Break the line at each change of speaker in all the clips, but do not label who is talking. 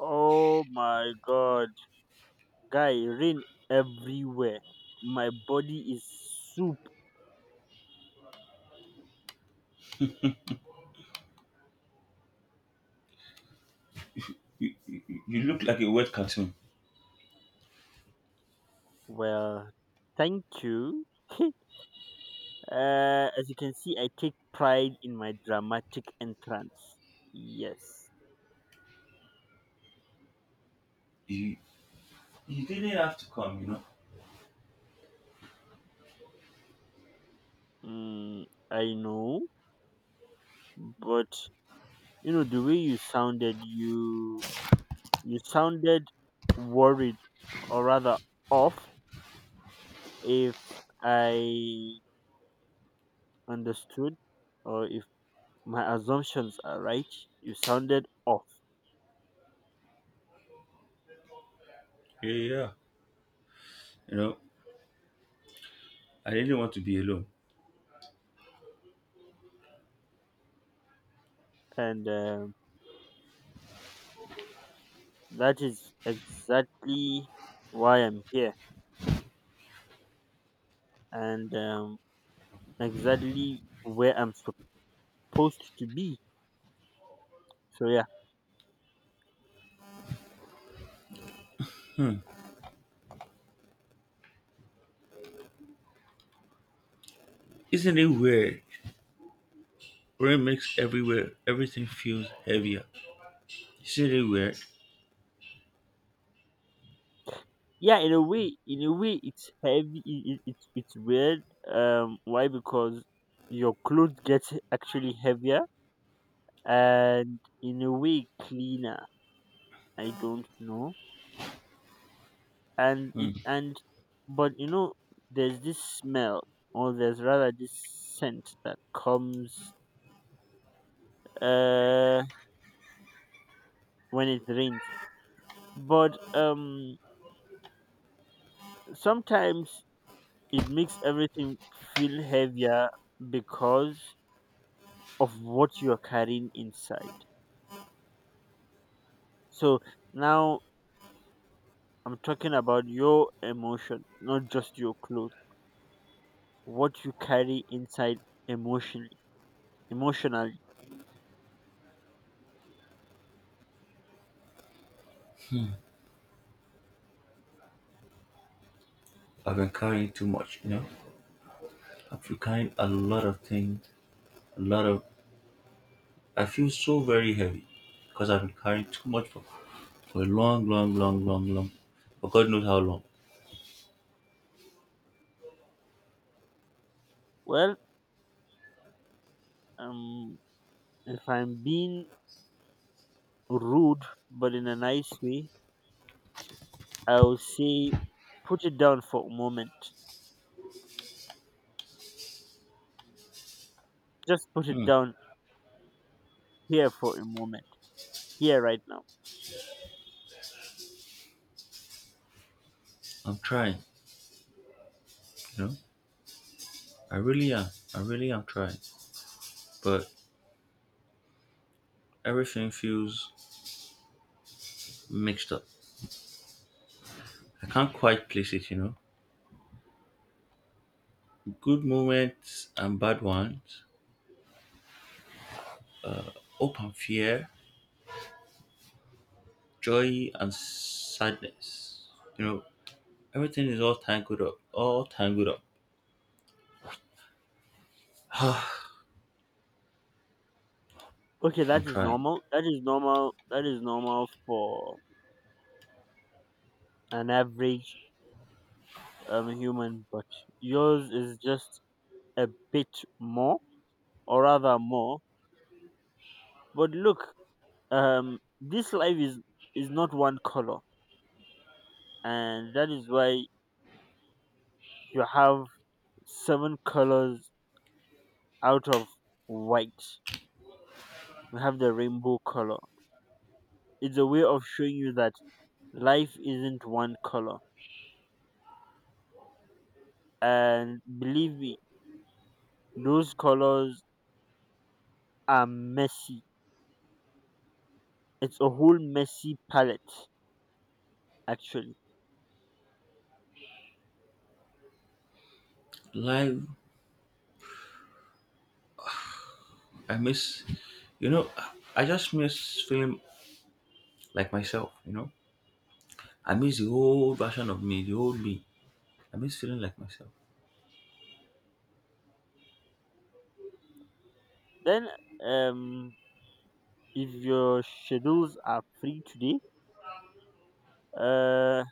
Oh my god. Guy, rain everywhere. My body is soup.
You look like a wet cartoon.
Well, thank you. As you can see, I take pride in my dramatic entrance. Yes.
You, you didn't have to come, you know.
Mm, I know, but you know the way you sounded, you sounded worried, or rather off, if I understood, or my assumptions are right. You sounded off,
Yeah. You know, I didn't want to be alone.
and that is exactly why I'm here, and exactly where I'm supposed to be. So yeah,
Isn't it weird? Rain makes everything feels heavier. Isn't it weird?
yeah. In a way, it's heavy. It's weird. Why? Because your clothes get actually heavier and in a way cleaner. I don't know. And
Hmm.
it and But you know, there's this smell, or there's rather this scent that comes uh when it rains, but sometimes it makes everything feel heavier because of what you're carrying inside. So now, I'm talking about your emotion, not just your clothes. What you carry inside emotionally, emotionally
I've been carrying too much, you know. I've been carrying a lot of things, a lot of. I feel so very heavy because I've been carrying too much for a long, long, long, long, long. For God knows how long.
well, um if I'm being rude, but in a nice way, I will say, put it down for a moment. Just put it
Hmm.
down here for a moment, here right now.
I'm trying, you know. I really am. I really am trying. But everything feels mixed up. I can't quite place it, you know. Good moments and bad ones, hope and fear, joy and sadness. You know, everything is all tangled up. All tangled up.
Okay,
I'm
that is
trying.
normal. That is normal. That is normal for an average human, but yours is just a bit more, or rather more. But look, this life is not one color, and that is why you have seven colors. Out of white we have the rainbow color. It's a way of showing you that life isn't one color. And believe me, those colors are messy. It's a whole messy palette, actually.
Live, I miss, you know, I just miss feeling like myself, you know. I miss the old version of me, the old me. I miss feeling like myself.
Then, um, if your schedules are free today, uh,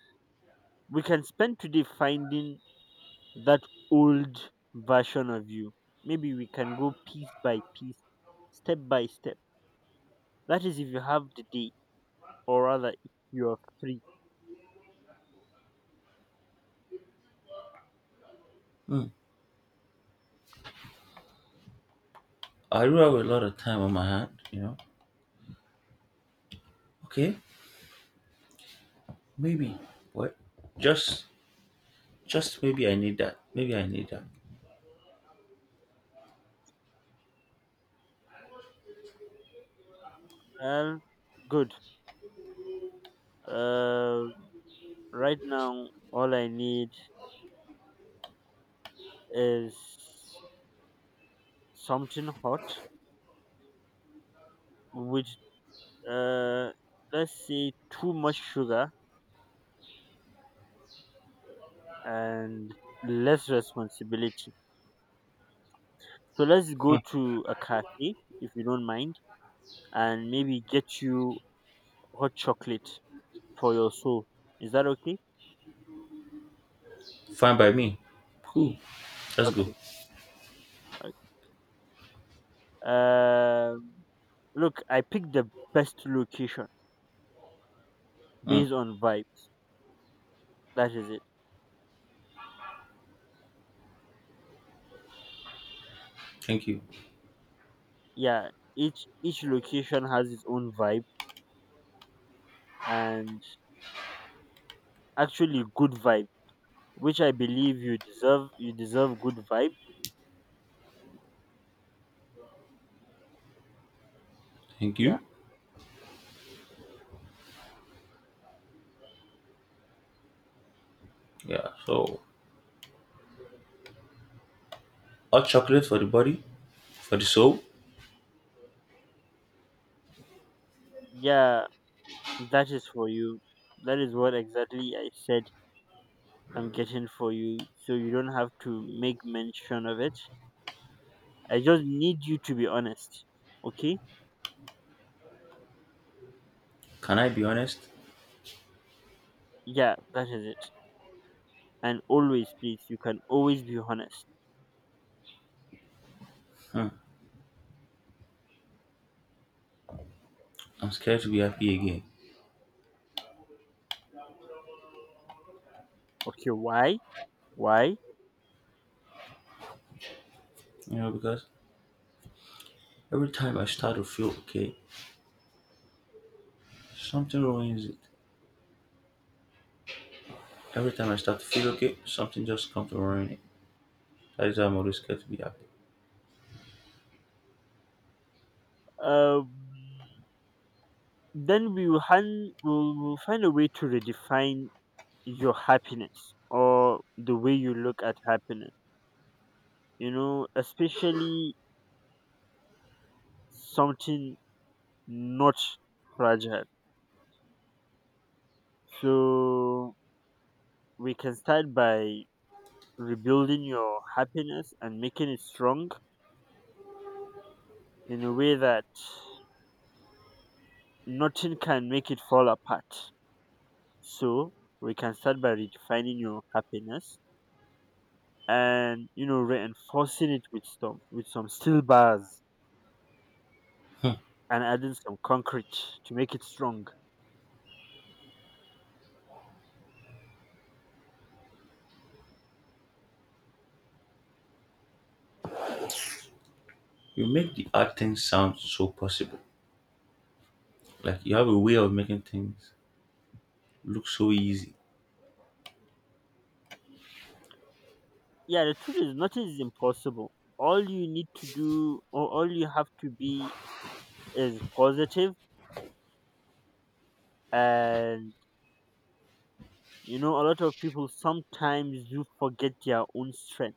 we can spend today finding that old version of you. Maybe we can go piece by piece, step by step. That is, if you have the day, or rather, if you are free.
Hmm. I do have a lot of time on my hand, you know. Okay, maybe. What? Just Just maybe I need that. Maybe I need that.
Well, good. Uh, right now, all I need is something hot with, uh, let's say, too much sugar and less responsibility. So let's go
Hmm.
to a cafe, if you don't mind, and maybe get you hot chocolate for your soul. Is that okay?
Fine by me. Cool. Let's go.
Okay. Okay. Um Look, I picked the best location
Hmm.
based on vibe. That is it.
Thank you.
Yeah, each location has its own vibe, and actually good vibe, which I believe you deserve. You deserve good vibe.
Thank
Yeah
you. Yeah. So hot chocolate for the body, for the soul.
yeah, that is for you. That is what exactly I said I'm getting for you, so you don't have to make mention of it. I just need you to be honest, okay?
Can I be honest?
Yeah, that is it. And always, please, you can always be honest.
Hmm. I'm scared to be happy again.
Okay, why? Why?
You know, because every time I start to feel okay, something ruins it. Every time I start to feel okay, something just comes to ruin it. That is why I'm always scared to be happy.
um then we will, hand, we'll find a way to redefine your happiness or the way you look at happiness, you know, especially something not fragile. So we can start by rebuilding your happiness and making it strong in a way that nothing can make it fall apart. So we can start by redefining your happiness and, you know, reinforcing it with some steel bars
Hmm.
and adding some concrete to make it strong.
You make the hard things sound so possible. Like you have a way of making things look so easy.
Yeah, the truth is nothing is impossible. All you need to do, or all you have to be, is positive. Positive. And you know, a lot of people sometimes do forget their own strength,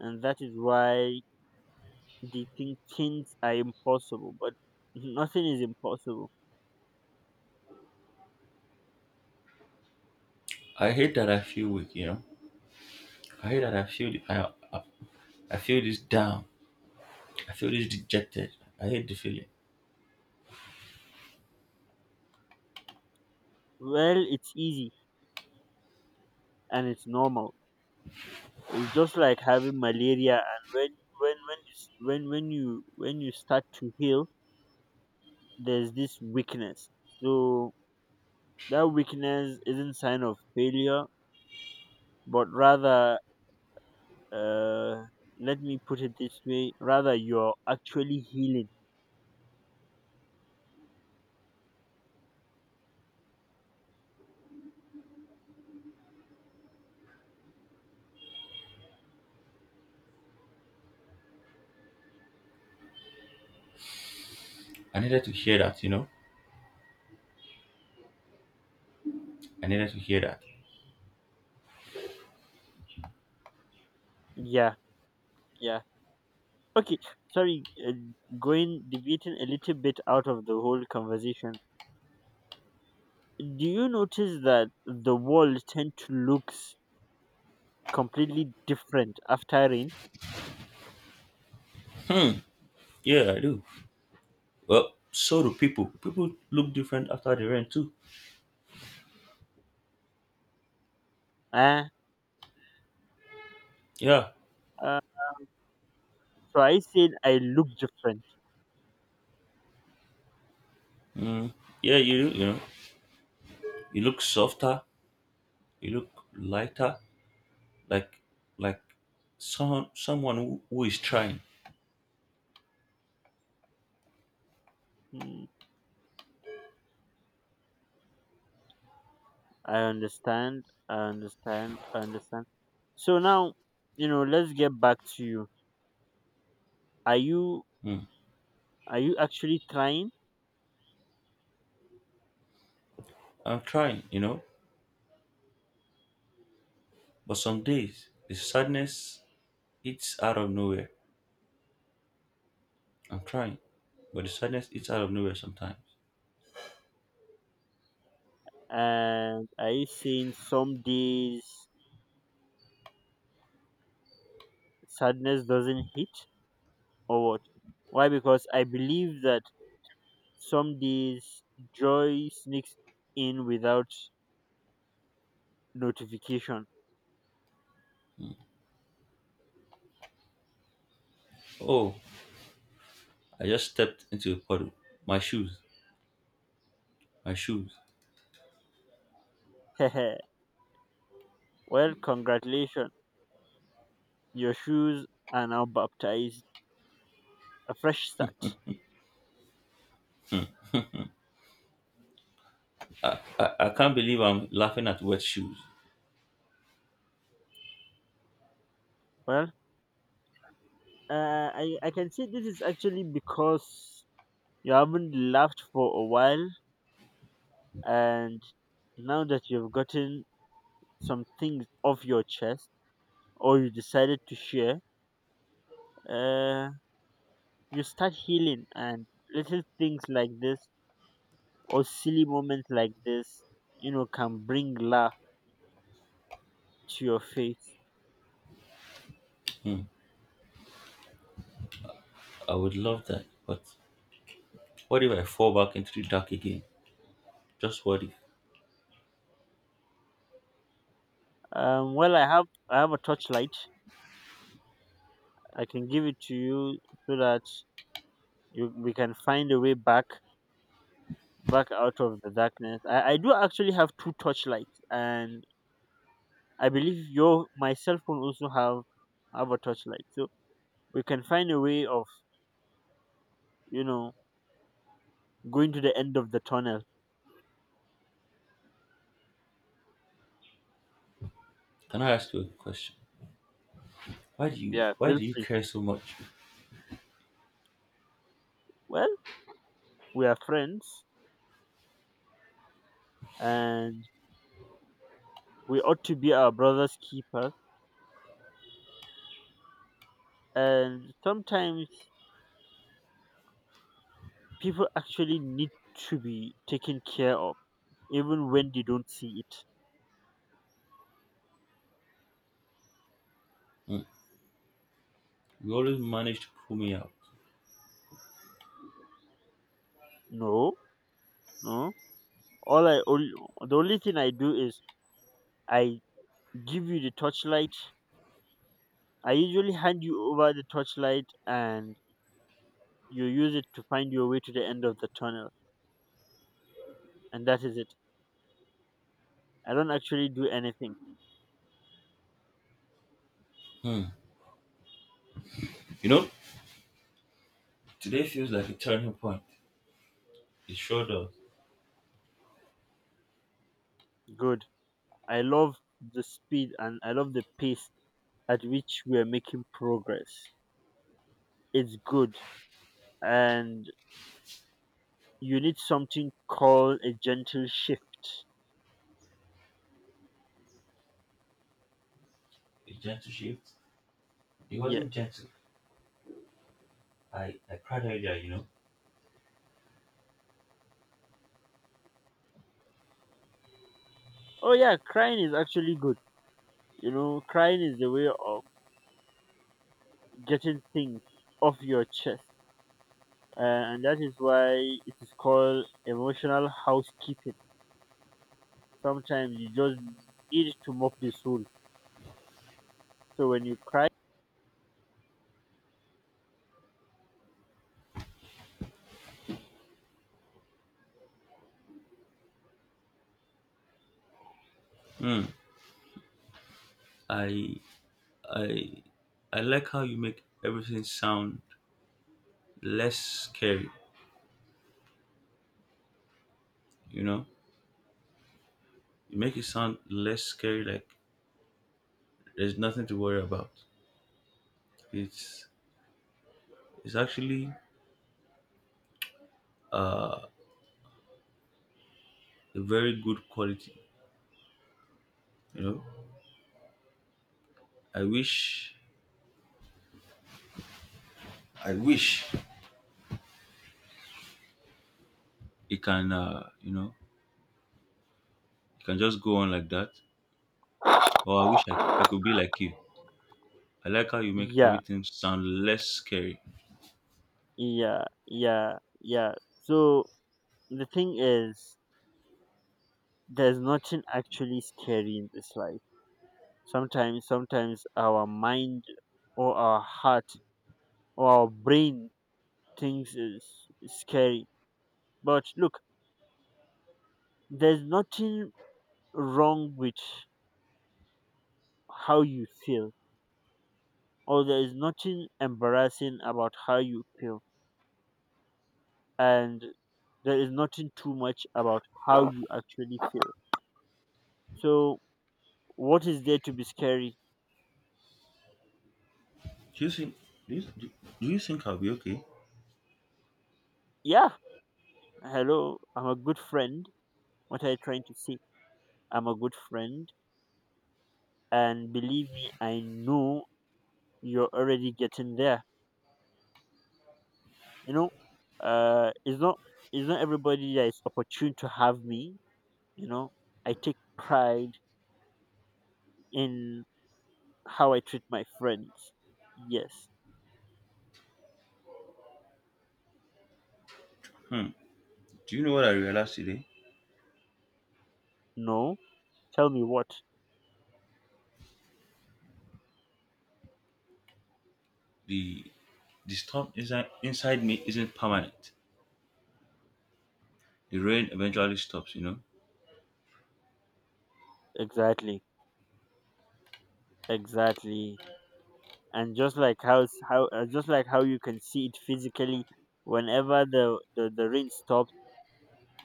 and that is why they think things are impossible, but nothing is impossible.
I hate that I feel weak, you know. I hate that I I feel this down. I feel this dejected. I hate the feeling.
Well, it's easy and it's normal. It's just like having malaria, and when you s- when you start to heal, there's this weakness. So that weakness isn't sign of failure, but rather, uh, let me put it this way: rather, you're actually healing.
I needed to hear that, you know. I needed to hear that.
Yeah, yeah. Okay, sorry, going deviating a little bit out of the whole conversation. Do you notice that the world tend to looks completely different after rain?
Yeah, I do. Well, so do people. People look different after the rain too.
Ah,
Yeah.
uh, so I said I look different.
Mm. Yeah, you do, you know. You look softer. You look lighter. Like like someone who is trying.
Hmm. I understand. I understand. I understand. So now, you know, let's get back to you. Are you
Mm.
are you actually trying?
I'm trying, you know. But some days the sadness it's out of nowhere. I'm trying, but the sadness eats out of nowhere sometimes.
And are you saying some days sadness doesn't hit or what? Why? Because I believe that some days joy sneaks in without notification.
Oh, I just stepped into a puddle. My shoes, my shoes.
Well, congratulations. Your shoes are now baptized. A fresh start.
I can't believe I'm laughing at wet shoes.
Well, I can say this is actually because you haven't laughed for a while, and now that you've gotten some things off your chest, or you decided to share, uh, you start healing, and little things like this, or silly moments like this, you know, can bring laugh to your face.
Hmm, I would love that, but what if I fall back into the dark again? Just what if?
Well, I have a torchlight. I can give it to you so that you we can find a way back out of the darkness. I do actually have two torchlights, and I believe your my cell phone also have a torchlight, so we can find a way of, you know, going to the end of the tunnel.
Can I ask you a question?
Yeah,
Why
feel
do you
free.
care so much?
Well, we are friends, and we ought to be our brother's keeper. And sometimes people actually need to be taken care of, even when they don't see it.
Hmm, you always manage to pull me out.
No, no. All I only The only thing I do is, I give you the torchlight. I usually hand you over the torchlight, and you use it to find your way to the end of the tunnel. And that is it. I don't actually do anything.
Hmm. You know, today feels like a turning point. It sure does.
Good. I love the speed and I love the pace at which we are making progress. It's good. And you need something called a gentle shift.
A gentle shift. It
Yeah.
wasn't gentle. I cried earlier, you know.
Oh, yeah, crying is actually good. You know, crying is the way of getting things off your chest, and that is why it is called emotional housekeeping. Sometimes you just need to mop the soul. So when you cry,
Hmm. I I I like how you make everything sound less scary, you know? You make it sound less scary like there's nothing to worry about. It's it's actually a very good quality, you know? I wish I wish it can you know, it can just go on like that. Or I could be like you. I like how you make
yeah,
everything sound less scary.
yeah, yeah, yeah. So the thing is, there's nothing actually scary in this life. Sometimes, sometimes our mind or our heart or our brain thinks is scary. But look, there's nothing wrong with how you feel. Or there is nothing embarrassing about how you feel, and there is nothing too much about how you actually feel. So, what is there to be scary?
Do you think do you think I'll be okay?
Yeah, hello, I'm a good friend. What are you trying to say? I'm a good friend, and believe me, I know you're already getting there. You know, it's not it's not everybody that is opportune to have me. You know, I take pride in how I treat my friends. Yes,
Hmm. Do you know what I realized today?
no, tell me what.
the the storm inside me isn't permanent. The rain eventually stops, you know.
Exactly, exactly, and just like how just like how you can see it physically, whenever the rain stops,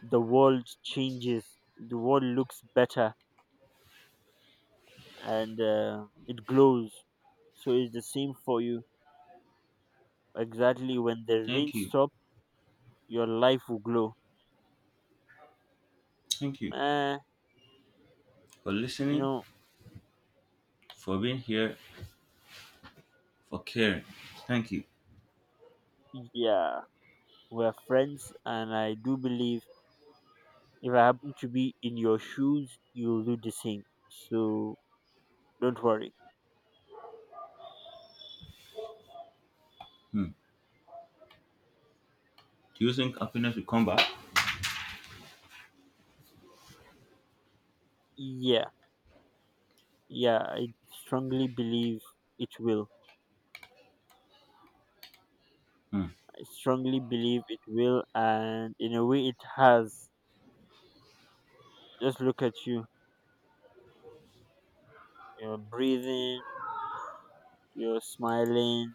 the world changes. The world looks better and it glows. So it's the same for you. Exactly, when the rain
Thank you.
stops, your life will glow.
Thank you
Uh,
for
you
listening,
know,
for being here, for caring. Thank you.
yeah, we're friends, and I do believe if I happen to be in your shoes, you'll do the same. So don't worry.
Hmm. Do you think happiness will come back?
Yeah, yeah, I strongly believe it will.
Hmm.
I strongly believe it will, and in a way, it has. Just look at you. You're breathing, you're smiling,